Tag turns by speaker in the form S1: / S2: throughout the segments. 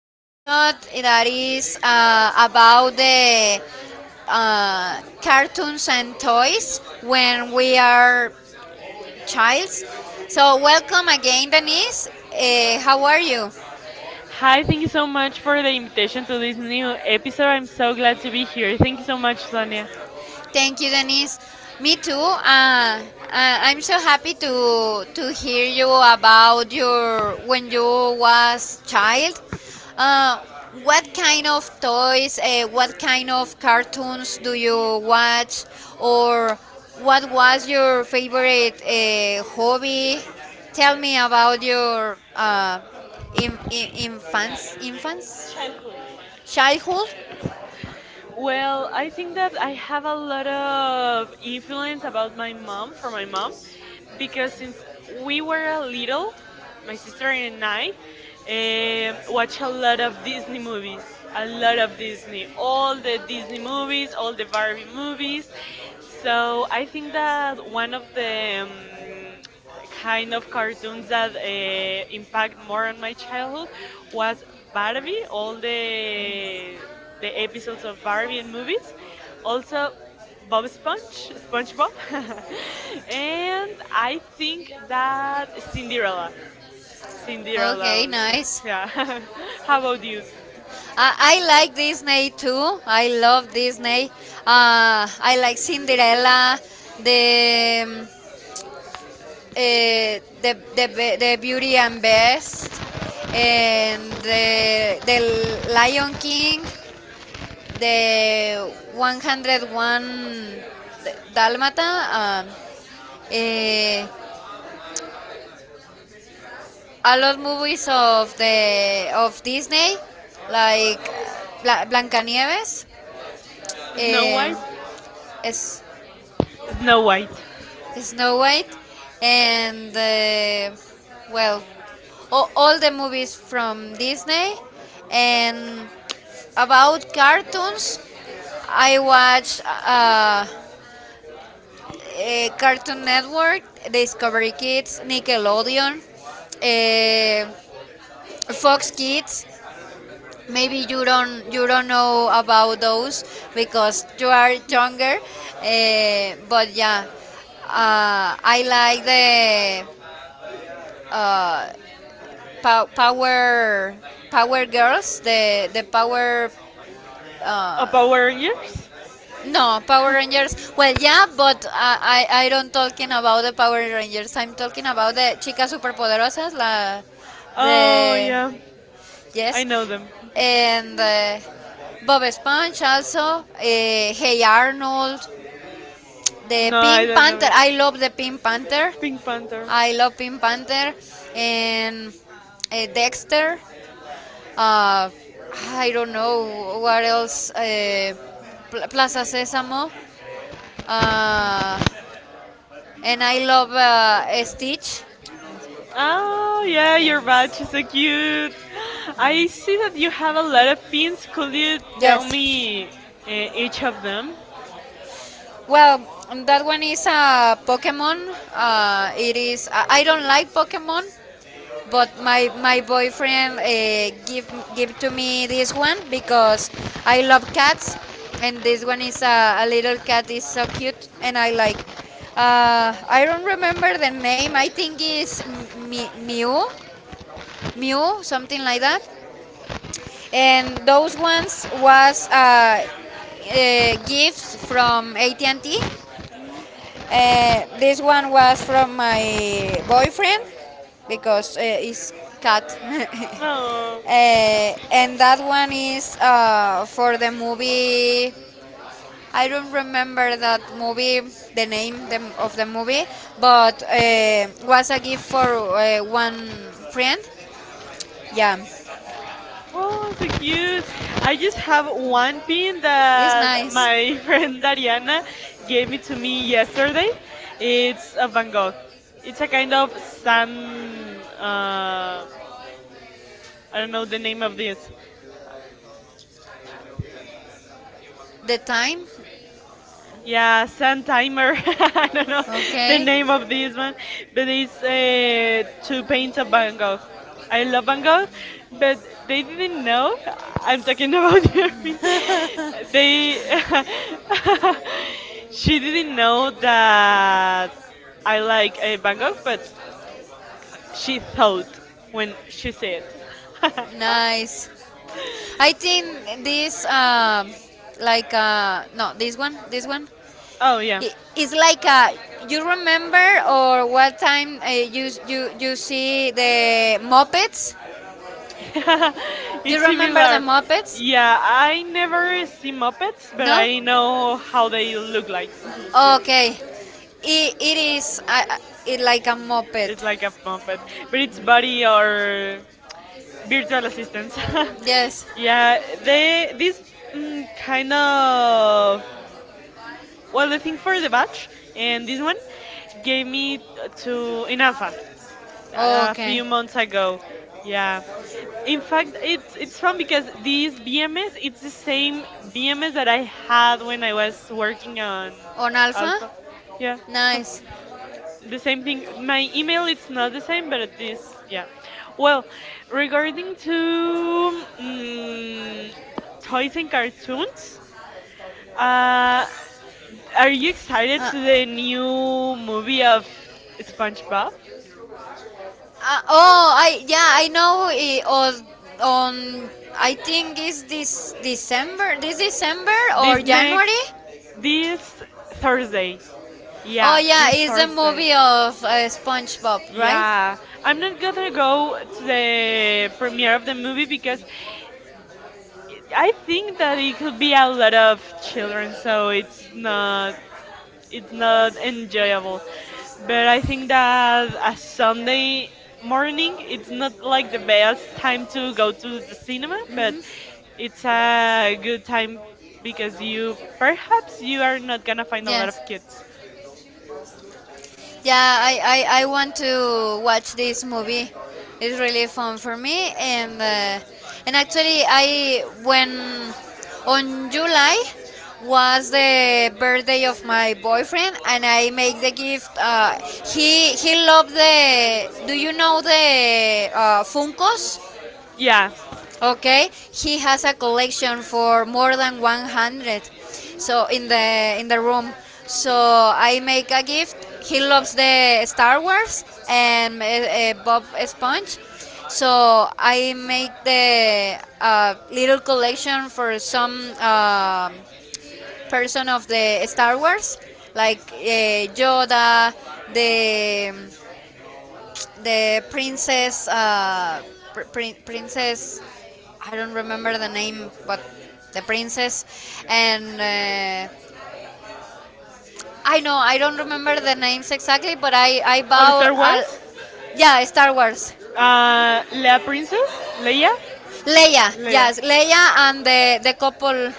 S1: episode that is about the cartoons and toys when we are childs. So, welcome again, Denise. How are you?
S2: Hi, thank you so much for the invitation to this new episode. I'm so glad to be here. Thank you so much, Sonia.
S1: Thank you, Denise. Me too. I'm so happy to hear you about your when you was child. Uh, what kind of toys? What kind of cartoons do you watch? Or what was your favorite hobby? Tell me about your in, in, infants, infants, childhood.
S2: Well, I think that I have a lot of influence about my mom from my mom because since we were a little, my sister and I watch a lot of Disney movies, a lot of Disney, all the Disney movies, all the Barbie movies. So I think that one of the kind of cartoons that impact more on my childhood was Barbie, all the episodes of Barbie and movies, also Bob Sponge, SpongeBob, and I think that Cinderella,
S1: Okay,
S2: Also.
S1: nice.
S2: Yeah. How about you?
S1: I like Disney too. I love Disney. I like Cinderella, the um, the Beauty and Best, and the Lion King, the 101 Dalmata. Eh, a lot movies of the of Disney, like Blancanieves.
S2: Snow
S1: Eh,
S2: White,
S1: es
S2: Snow White,
S1: Snow White, and well, all the movies from Disney. And about cartoons, I watch Cartoon Network, Discovery Kids, Nickelodeon, uh, Fox Kids. Maybe you don't know about those because you are younger, but yeah, I like the Pa- Power Power Girls, the Power
S2: a Power Rangers.
S1: no Power Rangers. Well, yeah, but I don't talking about the Power Rangers. I'm talking about the chicas superpoderosas. La
S2: Oh,
S1: the
S2: yeah. I
S1: yes,
S2: know them.
S1: and Bob Esponja also. Hey Arnold, the
S2: No, I
S1: Pink
S2: don't know
S1: Panther.
S2: it.
S1: I love the Pink Panther. I love Pink Panther and Dexter. Uh, I don't know what else. Plaza Sésamo. Uh, and I love Stitch.
S2: Oh, yeah, your badge is so cute. I see that you have a lot of pins. Could you tell
S1: Yes.
S2: me each of them?
S1: Well, that one is a Pokemon. It is. I don't like Pokemon, but my boyfriend give to me this one because I love cats, and this one is a little cat is so cute, and I like. I don't remember the name. I think is Mew, something like that. And those ones was gifts from AT&T. Uh, this one was from my boyfriend because it's cat.
S2: Oh.
S1: And that one is for the movie. I don't remember that movie, the name of the movie, but was a gift for one friend. Yeah.
S2: Oh, so cute. I just have one pin that my friend Dariana gave it to me yesterday. It's a Van Gogh. It's a kind of sun. I don't know the name of this.
S1: The time?
S2: Yeah, Sun Timer. I don't know the name of this one, but it's two paints of Van Gogh. I love Van Gogh, but they didn't know. I'm talking about Irving. They, she didn't know that I like Van Gogh, but she thought when she said it.
S1: it. Nice. I think this, like, no, this one, this one.
S2: Oh yeah.
S1: It's like you remember or what time you see the Muppets? You
S2: It's
S1: remember the
S2: similar.
S1: Muppets?
S2: Yeah, I never see Muppets, but
S1: No.
S2: I know how they look like. Mhm, yeah.
S1: Okay. It is it like a Muppet.
S2: It's like a Muppet, but it's Buddy or virtual assistants.
S1: Yes.
S2: Yeah, they this kind of, well, the thing for the batch, and this one gave me to in alpha a few
S1: Okay.
S2: months ago. Yeah. In fact, it's fun because this BMS it's the same BMS that I had when I was working on
S1: On Alpha.
S2: alpha. Yeah.
S1: Nice.
S2: The same thing. My email it's not the same, but this, yeah. Well, regarding to toys and cartoons, uh, are you excited
S1: Uh,
S2: to the new movie of SpongeBob?
S1: Oh, I yeah, I know it was on I think it's this December
S2: This
S1: or
S2: next,
S1: January.
S2: this Thursday.
S1: Oh
S2: Yeah,
S1: yeah,
S2: this
S1: it's a movie
S2: Thursday.
S1: of SpongeBob, right?
S2: Yeah, I'm not gonna go to the premiere of the movie because I think that it could be a lot of children, so it's not enjoyable. But I think that a Sunday morning it's not like the best time to go to the cinema, but it's a good time because, you perhaps, you are not gonna find a lot of kids.
S1: Yeah, I want to watch this movie. It's really fun for me, and actually, I when on July was the birthday of my boyfriend, and I make the gift. He loved the. Do you know the Funkos?
S2: Yeah.
S1: Okay, he has a collection for more than 100. So in the room. So I make a gift. He loves the Star Wars and Bob Sponge. So I make the little collection for some person of the Star Wars, like Yoda, the the princess, princess, I don't remember the name, but the princess, and I know I don't remember the names exactly, but I
S2: Of
S1: bow.
S2: Star Wars?
S1: Yeah, Star Wars.
S2: La Princess? Leia?
S1: Leia,
S2: Leia.
S1: yes, Leia and the couple.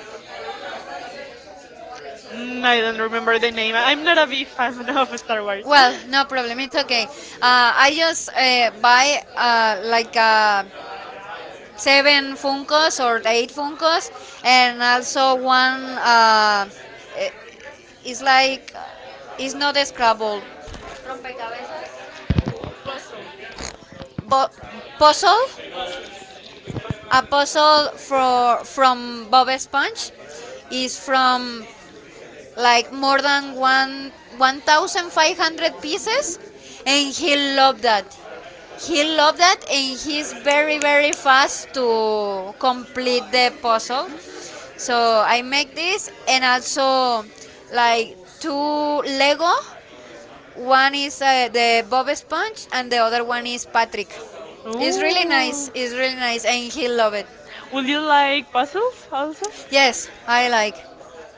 S2: Mm, I don't remember the name. I'm not a big fan of Star Wars.
S1: Well, no problem, it's okay. I just buy like seven Funkos or eight Funkos, and also one. It's like it's not a Scrabble. Rompecabezas. Bo- puzzle. A puzzle for from Bob Esponge is from like more than one thousand five hundred pieces, and he loved that. He loved that, and he's very very fast to complete the puzzle. So I make this, and also like two Lego. One is the Bob Sponge, and the other one is Patrick. It's really nice. It's really nice, and he love it.
S2: Would you like puzzles also?
S1: Yes, I like.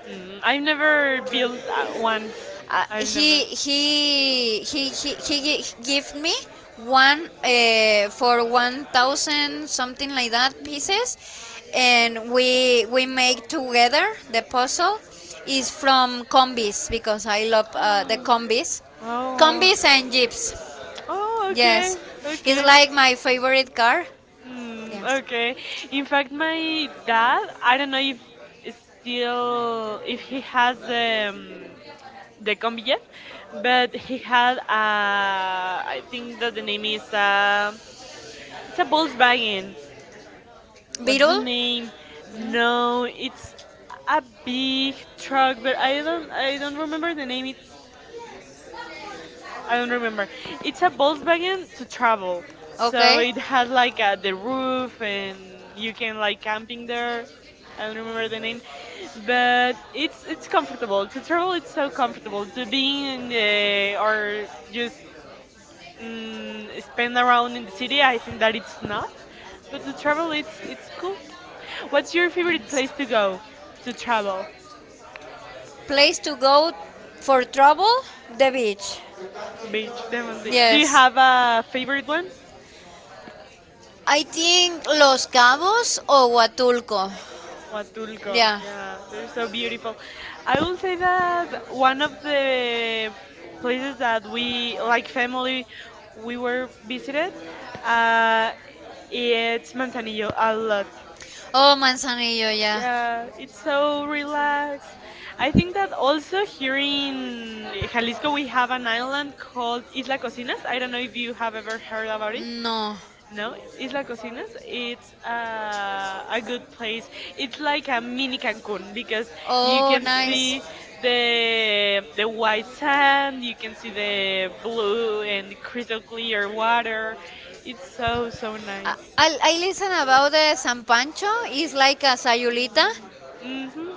S2: Mm, I've never built one.
S1: He give me one for 1,000 something like that pieces, and we make together the puzzle. Is from combis because I love the combis, combis and
S2: Oh.
S1: jeeps.
S2: Oh, okay,
S1: Yes, it's
S2: okay.
S1: like my favorite car.
S2: Mm,
S1: Yes.
S2: okay. In fact, my dad, I don't know if still if he has the combi yet, but he had a, I think that the name is it's a Volkswagen.
S1: A
S2: What's the
S1: Beetle?
S2: name? No, it's a big truck, but I don't remember the name. It's, I
S1: I
S2: don't remember. It's a Volkswagen to travel. So it has like a, the roof, and you can like camping there. I don't remember the name, but it's comfortable to travel. It's so comfortable to be in the, or just spend around in the city. I think that it's not, but to travel it's cool. What's your favorite place to go to travel?
S1: Place to go for trouble? The beach.
S2: Beach, definitely. Do you
S1: Yes.
S2: have a favorite one?
S1: I think Los Cabos o Huatulco.
S2: Huatulco,
S1: Yeah.
S2: yeah, they're so beautiful. I will say that one of the places that we, like family, we were visited, uh, it's Manzanillo a lot.
S1: Oh, Manzanillo, yeah.
S2: Yeah, it's so relaxed. I think that also here in Jalisco we have an island called Isla Cocinas. I don't know if you have ever
S1: it.
S2: heard about it.
S1: No.
S2: No, Isla Cocinas. It's a good place. It's like a mini Cancun because you
S1: Oh,
S2: can
S1: nice.
S2: see the white sand, you can see the blue and crystal clear water. It's so so
S1: I,
S2: nice.
S1: I I listen about the San Pancho. It's like a sayulita.
S2: Mhm.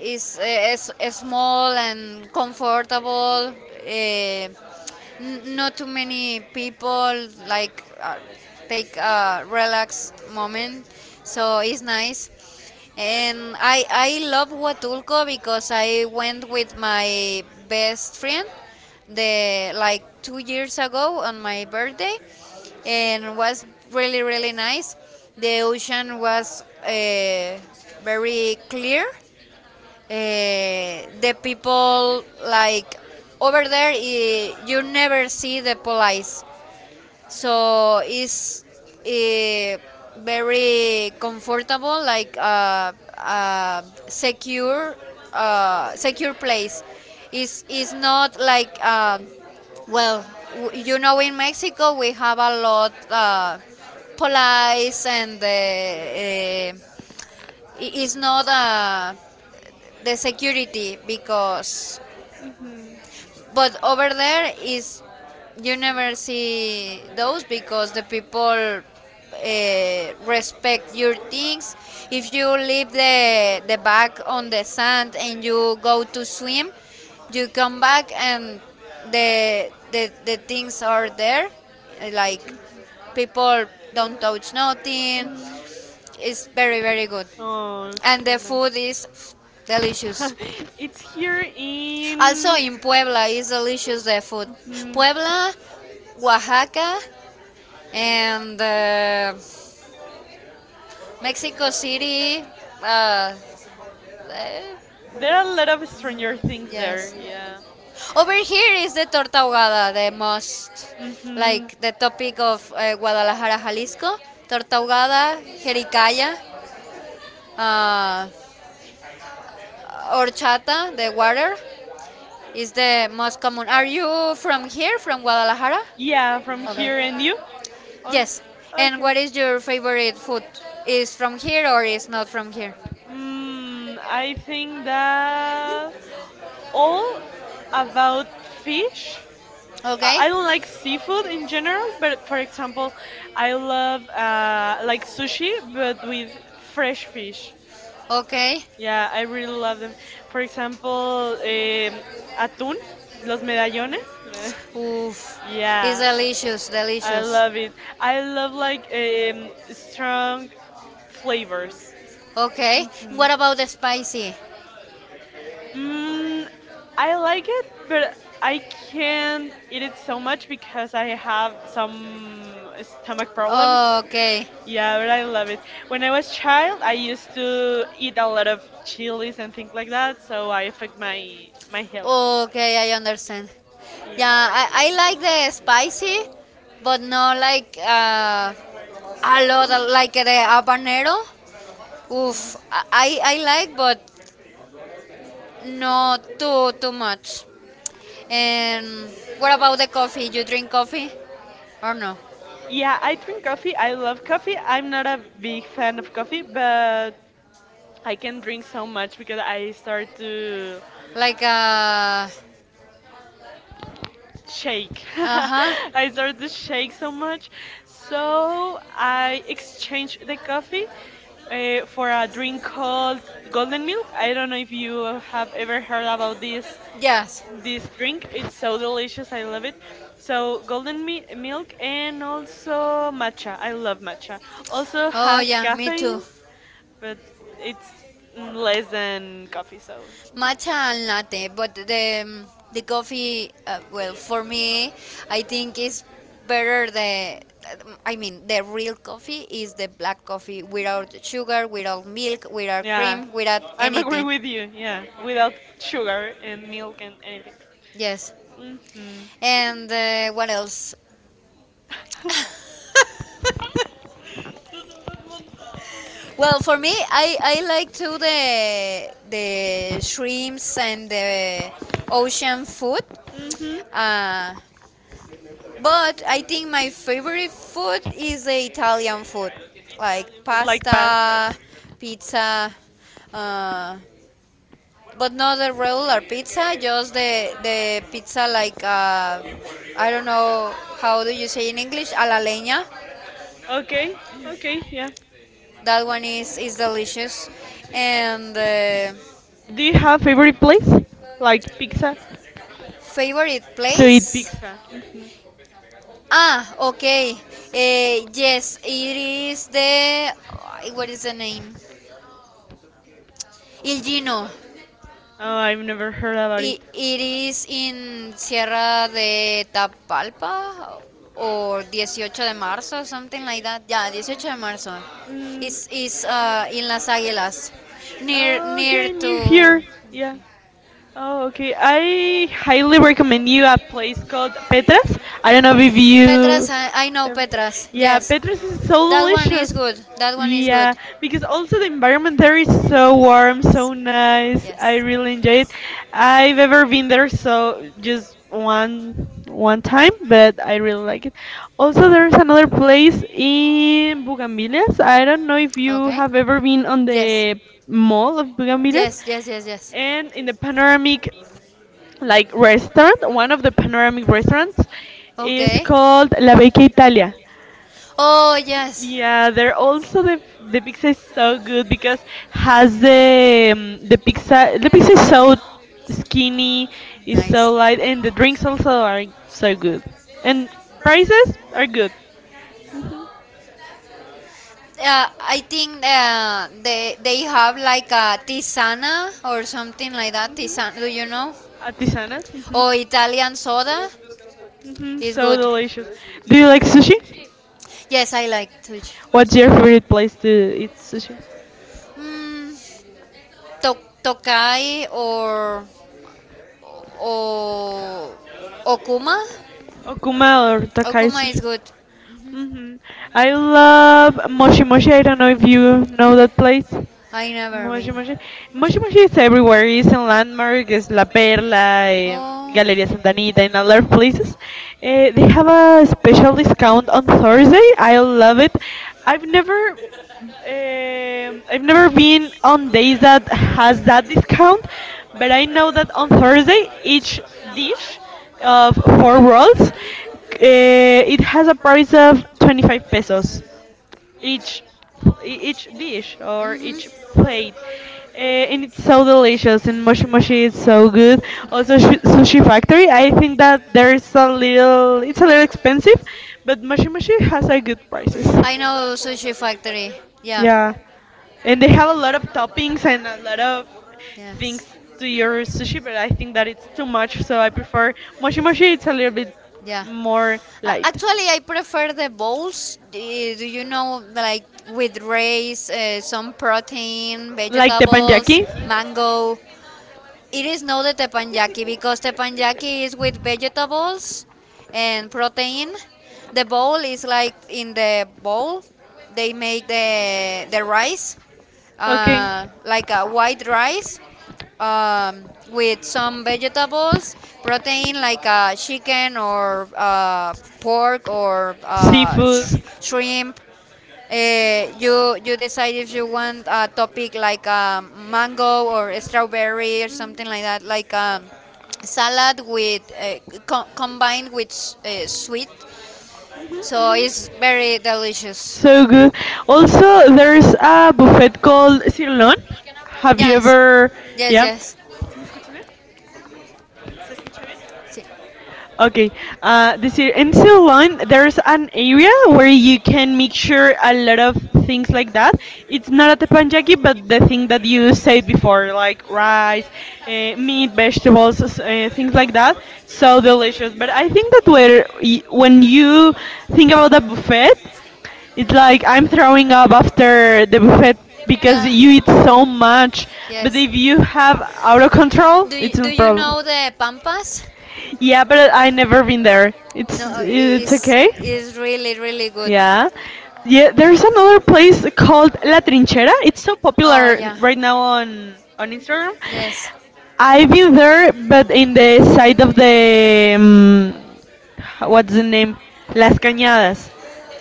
S1: Is small and comfortable. Uh, Not too many people like take a relaxed moment, so it's nice. And I love Huatulco because I went with my best friend the like 2 years ago on my birthday, and was really really nice. The ocean was very clear. The people like over there, you never see the police, so it's eh, very comfortable, like a uh, secure secure place. It's is not like well you know in Mexico we have a lot police and it's not a the security because
S2: Mhm.
S1: but over there is you never see those because the people respect your things. If you leave the bag on the sand and you go to swim, you come back and the things are there, like people don't touch nothing, it's very very good.
S2: Oh,
S1: And
S2: so
S1: the food
S2: nice.
S1: is delicious.
S2: It's here
S1: Also
S2: in.
S1: in Puebla is delicious the food.
S2: Mhm.
S1: Puebla, Oaxaca, and Mexico City. Uh, eh,
S2: There are a lot of Stranger Things there,
S1: yes.
S2: yeah.
S1: Over here is the torta ahogada, the most
S2: Mhm.
S1: like the topic of Guadalajara, Jalisco. Torta ahogada, jericaya, uh, horchata, the water is the most common. Are you from here, from Guadalajara?
S2: Yeah, from
S1: Okay.
S2: here, and you? Also,
S1: Yes. And
S2: okay.
S1: what is your favorite food? Is from here or is not from here?
S2: Mm, I think that all about fish.
S1: Okay.
S2: I don't like seafood in general, but for example, I love like sushi, but with fresh fish.
S1: Okay.
S2: Yeah, I really love them. For example, atún, los medallones.
S1: Oof. It's
S2: Yeah,
S1: delicious,
S2: I
S1: delicious.
S2: love it. I love like strong flavors.
S1: Okay.
S2: Mhm.
S1: What about the spicy?
S2: Mm, I like it, but I can't eat it so much because I have some stomach problems.
S1: Okay.
S2: Yeah, but I love it. When I was child, I used to eat a lot of chilies and things like that, so I affect my health.
S1: Okay, I understand. Yeah,
S2: Yeah.
S1: I like the spicy, but not like a lot of- like the habanero. Oof, I like, but not too too much. And what about the coffee? You drink coffee or no?
S2: Yeah, I drink coffee. I love coffee. I'm not a big fan of coffee, but I can drink so much because I start to
S1: Like
S2: shake.
S1: uh huh.
S2: I start to shake so much. So I exchange the coffee for a drink called golden milk. I don't know if you have ever heard about this.
S1: Yes.
S2: This drink, it's so delicious. I love it. So golden mi milk, and also matcha. I love matcha. Also
S1: Oh
S2: has
S1: yeah, me too.
S2: caffeine, but it's less than coffee. So
S1: Matcha and latte, but the coffee. Well, for me, I think is better the. I mean, the real coffee is the black coffee without sugar, without milk, without
S2: yeah,
S1: cream, without
S2: I'm agree
S1: anything.
S2: with you. Yeah, without sugar and milk and anything.
S1: Yes.
S2: Hmm.
S1: And what else? Well, for me, I like to the shrimps and the ocean food,
S2: Hmm.
S1: uh, but I think my favorite food is the Italian food, like
S2: But like past.
S1: pasta, pizza, uh, but not the regular pizza, just the pizza like I don't know how do you say in English, a la leña.
S2: Okay, okay, yeah.
S1: That one is delicious, and.
S2: Do you have favorite place? Like pizza?
S1: Favorite
S2: To eat
S1: place.
S2: pizza. Hmm.
S1: Ah, okay. Yes, it is the. Ay, What is the name? Il Gino.
S2: Oh, I've never heard about it.
S1: It is in Sierra de Tapalpa or 18 de marzo, something like that. Yeah, 18 de marzo.
S2: Mm.
S1: It's in Las Águilas, near
S2: Oh,
S1: near
S2: okay,
S1: to
S2: you here? Yeah. Oh, okay. I highly recommend you a place called Petras. I don't know if
S1: Petras.
S2: you.
S1: I know Petras.
S2: Yeah,
S1: Yes.
S2: Petras is so
S1: That one is
S2: delicious.
S1: good. That one is good.
S2: Yeah, because also the environment there is so warm, so nice. I
S1: Yes.
S2: really enjoy it. I've ever been there, so just one time, but I really like it. Also, there's another place in Bugambilias. I don't know if you
S1: Okay.
S2: have ever been on
S1: Yes.
S2: the mall of Bugambilias,
S1: Yes, yes, yes, yes.
S2: and in the panoramic, like, restaurant, one of the panoramic restaurants is
S1: Okay.
S2: called La Vecchia Italia.
S1: Oh, yes.
S2: Yeah, they're also the pizza is so good because has the pizza is so skinny, is so
S1: Nice.
S2: light, and the drinks also are so good, and prices are good.
S1: I think they have like a tisana or something like that. Tisana. Do you know?
S2: Artisanas. Mhm.
S1: Or Italian soda
S2: Hmm,
S1: is
S2: so
S1: good.
S2: delicious. Do you like sushi?
S1: Yes, I like to.
S2: What's your favorite place to eat sushi?
S1: Mm, Tokai or Okuma.
S2: Okuma or Takai
S1: Okuma is
S2: sushi?
S1: good.
S2: Hmm. I love Moshi Moshi. I don't know if you know that place.
S1: I never
S2: Moshi
S1: been.
S2: Moshi. Moshi Moshi is everywhere. It's in Landmark, it's La Perla,
S1: Oh,
S2: Galeria Santa Anita, and other places. Eh, they have a special discount on Thursday. I love it. I've never, I've never been on days that has that discount, but I know that on Thursday each dish of four rolls, it has a price of 25 pesos each, each dish or each
S1: mm-hmm.
S2: plate, and it's so delicious, and Moshi Moshi is so good. Also, sushi factory, I think that there's a little expensive, but Moshi Moshi has a good prices,
S1: I know sushi factory. Yeah.
S2: yeah, and they have a lot of toppings and a lot of things
S1: Yes.
S2: to your sushi, but I think that it's too much, so I prefer
S1: so
S2: Moshi Moshi. It's a little bit
S1: Yeah.
S2: more
S1: more.
S2: light.
S1: Actually, I prefer the bowls. Do you know, like with rice, some protein,
S2: Like the panjaki?
S1: vegetables, mango? It is not the teppanyaki because teppanyaki is with vegetables and protein. The bowl is like in the bowl they make the rice,
S2: Okay.
S1: like a white rice, um, with some vegetables, protein like chicken or pork or
S2: Seafood.
S1: shrimp. Uh, you decide if you want a topic like mango or strawberry or something like that, like salad with combined with sweet.
S2: Mhm,
S1: So it's
S2: mhm.
S1: very delicious.
S2: So good. Also, there's a buffet called Cirlon. Have you
S1: Yes,
S2: ever?
S1: yes,
S2: Yeah.
S1: yes.
S2: ¿Sí me escuchan bien?
S1: Sí.
S2: Okay, this year in Ceylon, there's an area where you can mixture a lot of things like that. It's not at the panjaki, but the thing that you said before, like rice, meat, vegetables, things like that. So delicious. But I think that where when you think about the buffet, it's like I'm throwing up after the buffet because
S1: Yeah,
S2: you eat so much. But
S1: yes.
S2: if you have out of control,
S1: Do
S2: it's
S1: you, do
S2: no
S1: you
S2: problem.
S1: know the pampas?
S2: Yeah, but I never been there.
S1: No,
S2: It's
S1: i- it's
S2: okay.
S1: it's really really good.
S2: Yeah. Yeah, there's another place called La Trinchera. It's so
S1: Oh
S2: popular
S1: yeah,
S2: right now on Instagram.
S1: yes.
S2: I've been there, but in the side of the um, what's the name? Las Cañadas.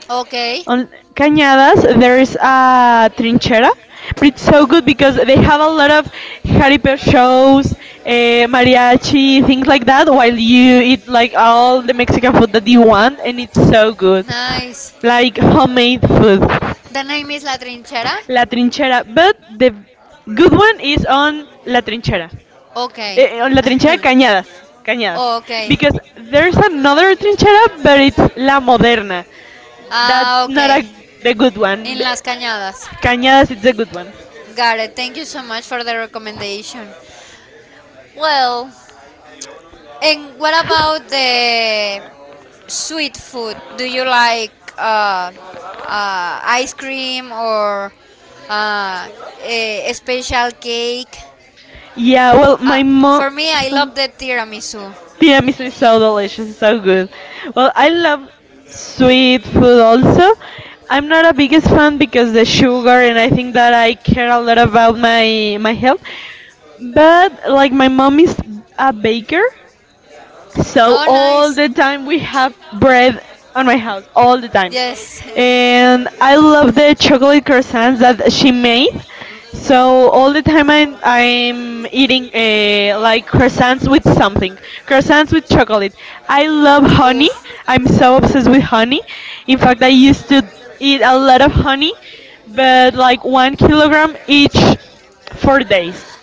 S1: Okay,
S2: On Cañadas there's a trinchera, but it's so good because they have a lot of jaripeo shows, mariachi, things like that, while you eat like all the Mexican food that you want, and it's so good,
S1: nice.
S2: like homemade food.
S1: The name is La Trinchera?
S2: La Trinchera, but the good one is on La Trinchera.
S1: Okay.
S2: La trinchera Cañadas. Cañadas.
S1: okay.
S2: Because there's another trinchera, but it's La Moderna.
S1: Ah,
S2: That's not
S1: okay.
S2: a the good one.
S1: In Las Cañadas.
S2: Cañadas is a good one.
S1: Got it. Thank you so much for the recommendation. Well, and what about the sweet food? Do you like uh, ice cream or uh, a special cake?
S2: Yeah, well,
S1: Uh,
S2: my mom.
S1: for me, I love the tiramisu.
S2: Tiramisu is so delicious, so good. Well, I love sweet food also. I'm not a biggest fan because the sugar, and I think that I care a lot about my health. But like my mom is a baker, so
S1: Oh,
S2: all
S1: nice.
S2: the time we have bread on my house, all the time.
S1: Yes.
S2: And I love the chocolate croissants that she made. So all the time I'm eating like croissants with something, croissants with chocolate. I love honey.
S1: Oof.
S2: I'm so obsessed with honey. In fact, I used to eat a lot of honey, but like 1 kilogram each 4 days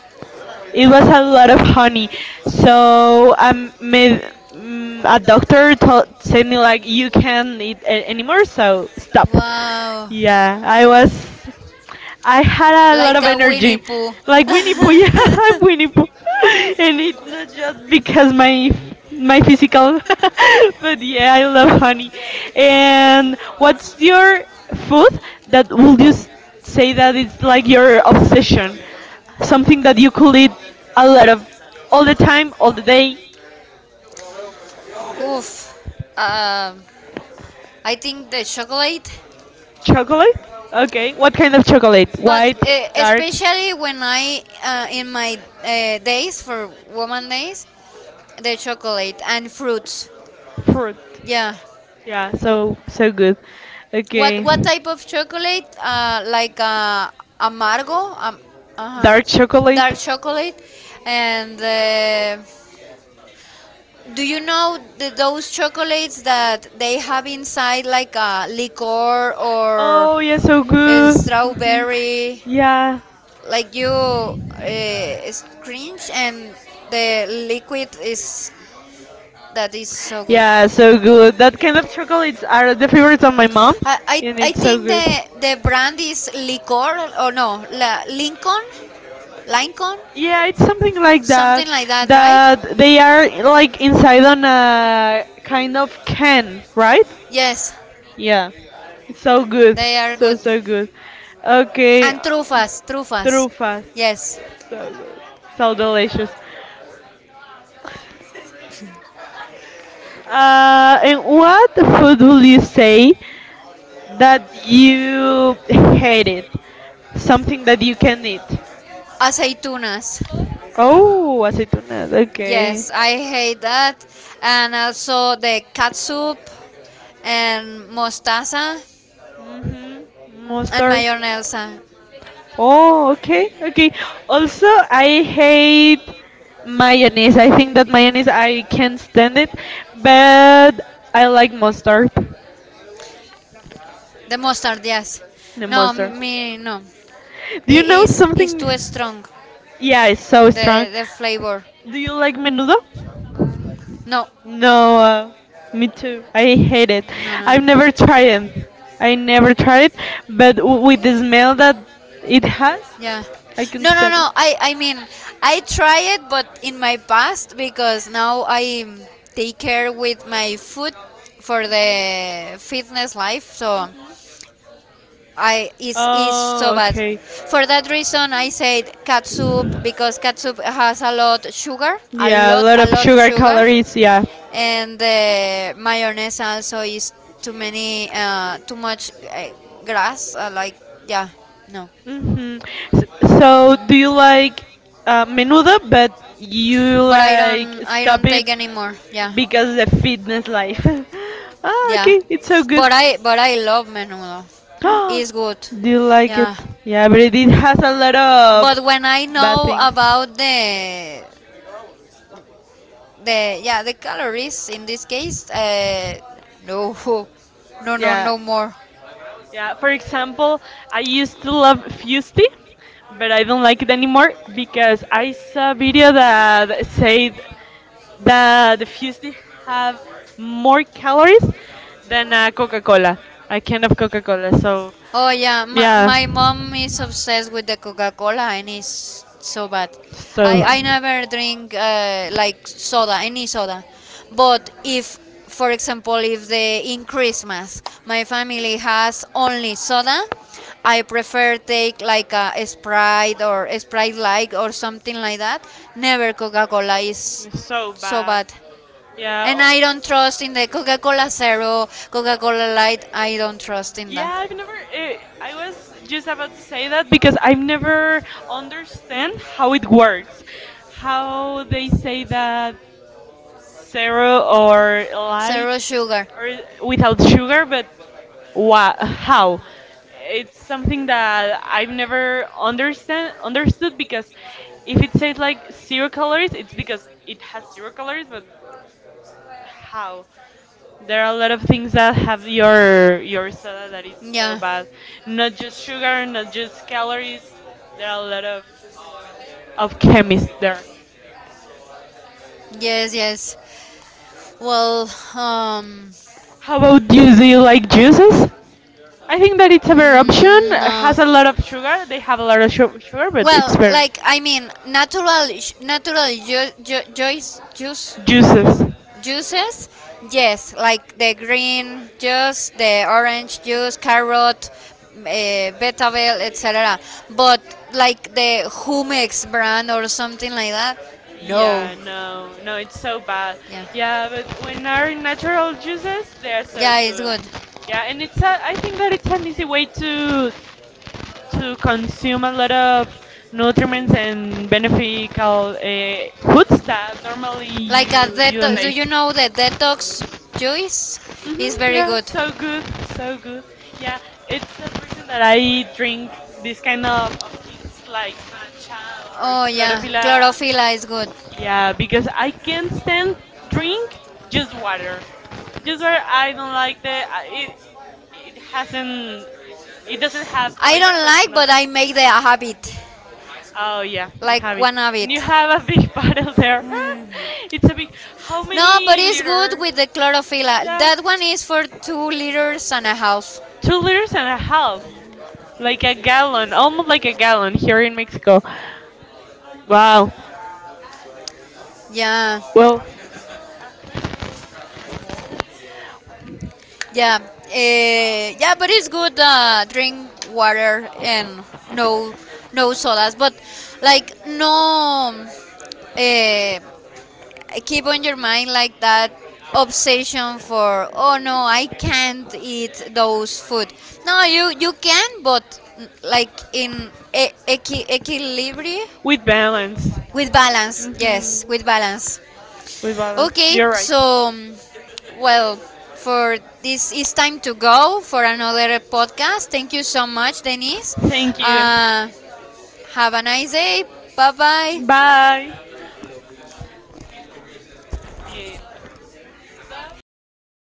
S2: it was a lot of honey. So um, me, a doctor told said me like you can't eat anymore, so stop.
S1: Wow.
S2: Yeah, I was, I had a lot
S1: Like
S2: of
S1: a Winnie
S2: energy,
S1: Pooh.
S2: like Winnie Pooh. Yeah, I'm Winnie Pooh, and it's not just because my physical, but yeah, I love honey. And what's your food that would you say that it's like your obsession? Something that you could eat a lot of all the time, all the day.
S1: Oof. Um, I think the chocolate,
S2: Chocolate? Okay. What kind of chocolate?
S1: but
S2: White, dark?
S1: especially when I in my days for woman days, the chocolate and fruits.
S2: Fruit.
S1: Yeah.
S2: Yeah, so so good.
S1: What
S2: Okay.
S1: what type of chocolate? Like amargo, uh-huh.
S2: Dark chocolate?
S1: Dark chocolate, and do you know those chocolates that they have inside like a liqueur or
S2: Oh, yeah, so
S1: a
S2: good. Mhm.
S1: strawberry?
S2: Yeah.
S1: Like you scrunch and the liquid is that is so good.
S2: Yeah, so good. That kind of chocolates are the favorites of my mom,
S1: I I,
S2: and
S1: I
S2: it's so
S1: think
S2: good.
S1: the brand is liqueur or no la, Lincoln, Lincoln.
S2: Yeah, it's something like that.
S1: Something like that, right?
S2: That they are like inside on a kind of can, right?
S1: Yes,
S2: Yeah, it's so good,
S1: they are
S2: so
S1: good.
S2: so good. Okay,
S1: And trufas, trufas.
S2: trufas,
S1: Yes.
S2: so good, so delicious. And what food will you say? That you hate it, something that you can eat.
S1: Aceitunas.
S2: Oh, aceitunas. Okay.
S1: Yes, I hate that. And also the catsup and mostaza
S2: Mhm.
S1: and
S2: Mustard.
S1: mayonnaise.
S2: Oh, okay, okay. Also, I hate mayonnaise. I think that mayonnaise I can't stand it, but I like mustard.
S1: The mustard, yes.
S2: The
S1: No,
S2: mustard.
S1: me no.
S2: Do you
S1: It
S2: know
S1: is too
S2: something?
S1: strong.
S2: Yeah, it's so strong.
S1: The flavor.
S2: Do you like menudo?
S1: No,
S2: No, Me too. I hate it.
S1: no, no, no.
S2: I've never tried it. I never tried it, but with the smell that it has,
S1: Yeah.
S2: I can
S1: No, no,
S2: stand it.
S1: no. I mean, I try it but in my past because now I take care with my food for the fitness life. So
S2: Mhm.
S1: I is so
S2: Oh,
S1: bad.
S2: okay.
S1: For that reason I said catsup because catsup has a lot sugar,
S2: Yeah, a lot
S1: a
S2: of
S1: lot
S2: sugar
S1: sugar,
S2: calories, yeah.
S1: and the mayonnaise also is too many too much grass like yeah, no.
S2: Mm-hmm. So, do you like menudo, but you
S1: But I
S2: like
S1: don't I
S2: stop
S1: don't
S2: it
S1: take anymore. Yeah.
S2: because the fitness life. Ah,
S1: Yeah.
S2: okay, it's so good.
S1: But I love menudo. It's good.
S2: Do you like it?
S1: Yeah.
S2: Yeah, but it has a lot of
S1: But when I
S2: bad
S1: know
S2: things.
S1: about the yeah, the calories in this case, no. No, no,
S2: Yeah,
S1: no more.
S2: yeah. For example, I used to love Fusty, but I don't like it anymore because I saw a video that said that the Fusty have more calories than a Coca-Cola, a can of Coca-Cola. So,
S1: Oh yeah, my,
S2: yeah.
S1: my mom is obsessed with the Coca-Cola, and it's so bad. I,
S2: So,
S1: I never drink like soda, any soda. But if, for example, if the in Christmas my family has only soda, I prefer take like a Sprite or Sprite Light or something like that. Never Coca-Cola is
S2: so
S1: so
S2: bad.
S1: bad.
S2: Yeah.
S1: And I
S2: Oh.
S1: don't trust in the Coca-Cola Zero, Coca-Cola Light. I don't trust in that.
S2: Yeah, I've never. Eh, I was just about to say that because I've never understand how it works, how they say that zero or light
S1: Zero sugar.
S2: or without sugar, but how? It's something that I've never understand understood because if it says like zero calories, it's because it has zero calories, but how? There are a lot of things that have your soda that is so
S1: Yeah.
S2: bad. Not just sugar, not just calories. There are a lot of chemists there.
S1: Yes, yes. Well, um
S2: How about you? Do you like juices? I think that it's a better option. It
S1: no.
S2: has a lot of sugar. They have a lot of sugar, but it's
S1: Well,
S2: better.
S1: like I mean, natural
S2: Juices.
S1: juices. Yes, like the green juice, the orange juice, carrot, uh, betabel, etc. But like the Humex brand or something like that. No.
S2: Yeah, no, no, it's so bad.
S1: Yeah.
S2: Yeah, but when are natural juices, they are so
S1: Yeah, it's
S2: good.
S1: good.
S2: Yeah, and it's a, I think that it's an easy way to consume a lot of nutrients and beneficial foods that normally
S1: Like a
S2: you don't
S1: detox. Do
S2: eat.
S1: you know the detox juice is
S2: Mm-hmm,
S1: very
S2: yeah,
S1: good?
S2: so good, so good. Yeah, it's the reason that I drink this kind of things like matcha or
S1: Oh yeah,
S2: chlorophylla.
S1: chlorophylla is good.
S2: Yeah, because I can't stand drink just water. Just water, I don't like the it. It hasn't. It doesn't have
S1: I
S2: flavor,
S1: don't like,
S2: but
S1: but I make the habit,
S2: oh yeah, I
S1: like
S2: have it.
S1: one
S2: And you
S1: habit.
S2: have a big bottle there. It's a big. How
S1: No, but
S2: many
S1: it's good
S2: liters?
S1: with the chlorophylla.
S2: Yeah.
S1: That one is for 2 liters and a half.
S2: 2 liters and a half, like a gallon, almost like a gallon here in Mexico. Wow.
S1: Yeah.
S2: Well,
S1: Yeah, yeah, but it's good. Drink water and no, no sodas. But like no, eh, keep on your mind like that obsession for oh no, I can't eat those food. No, you can, but like in equilibrium
S2: with balance.
S1: with balance.
S2: Hmm,
S1: Yes, with balance.
S2: balance.
S1: Okay,
S2: You're right.
S1: so well, for this it's time to go for another podcast. Thank you so much, Denise.
S2: Thank you.
S1: Uh, have a nice day. Bye bye.
S2: Bye. Bye. Bien.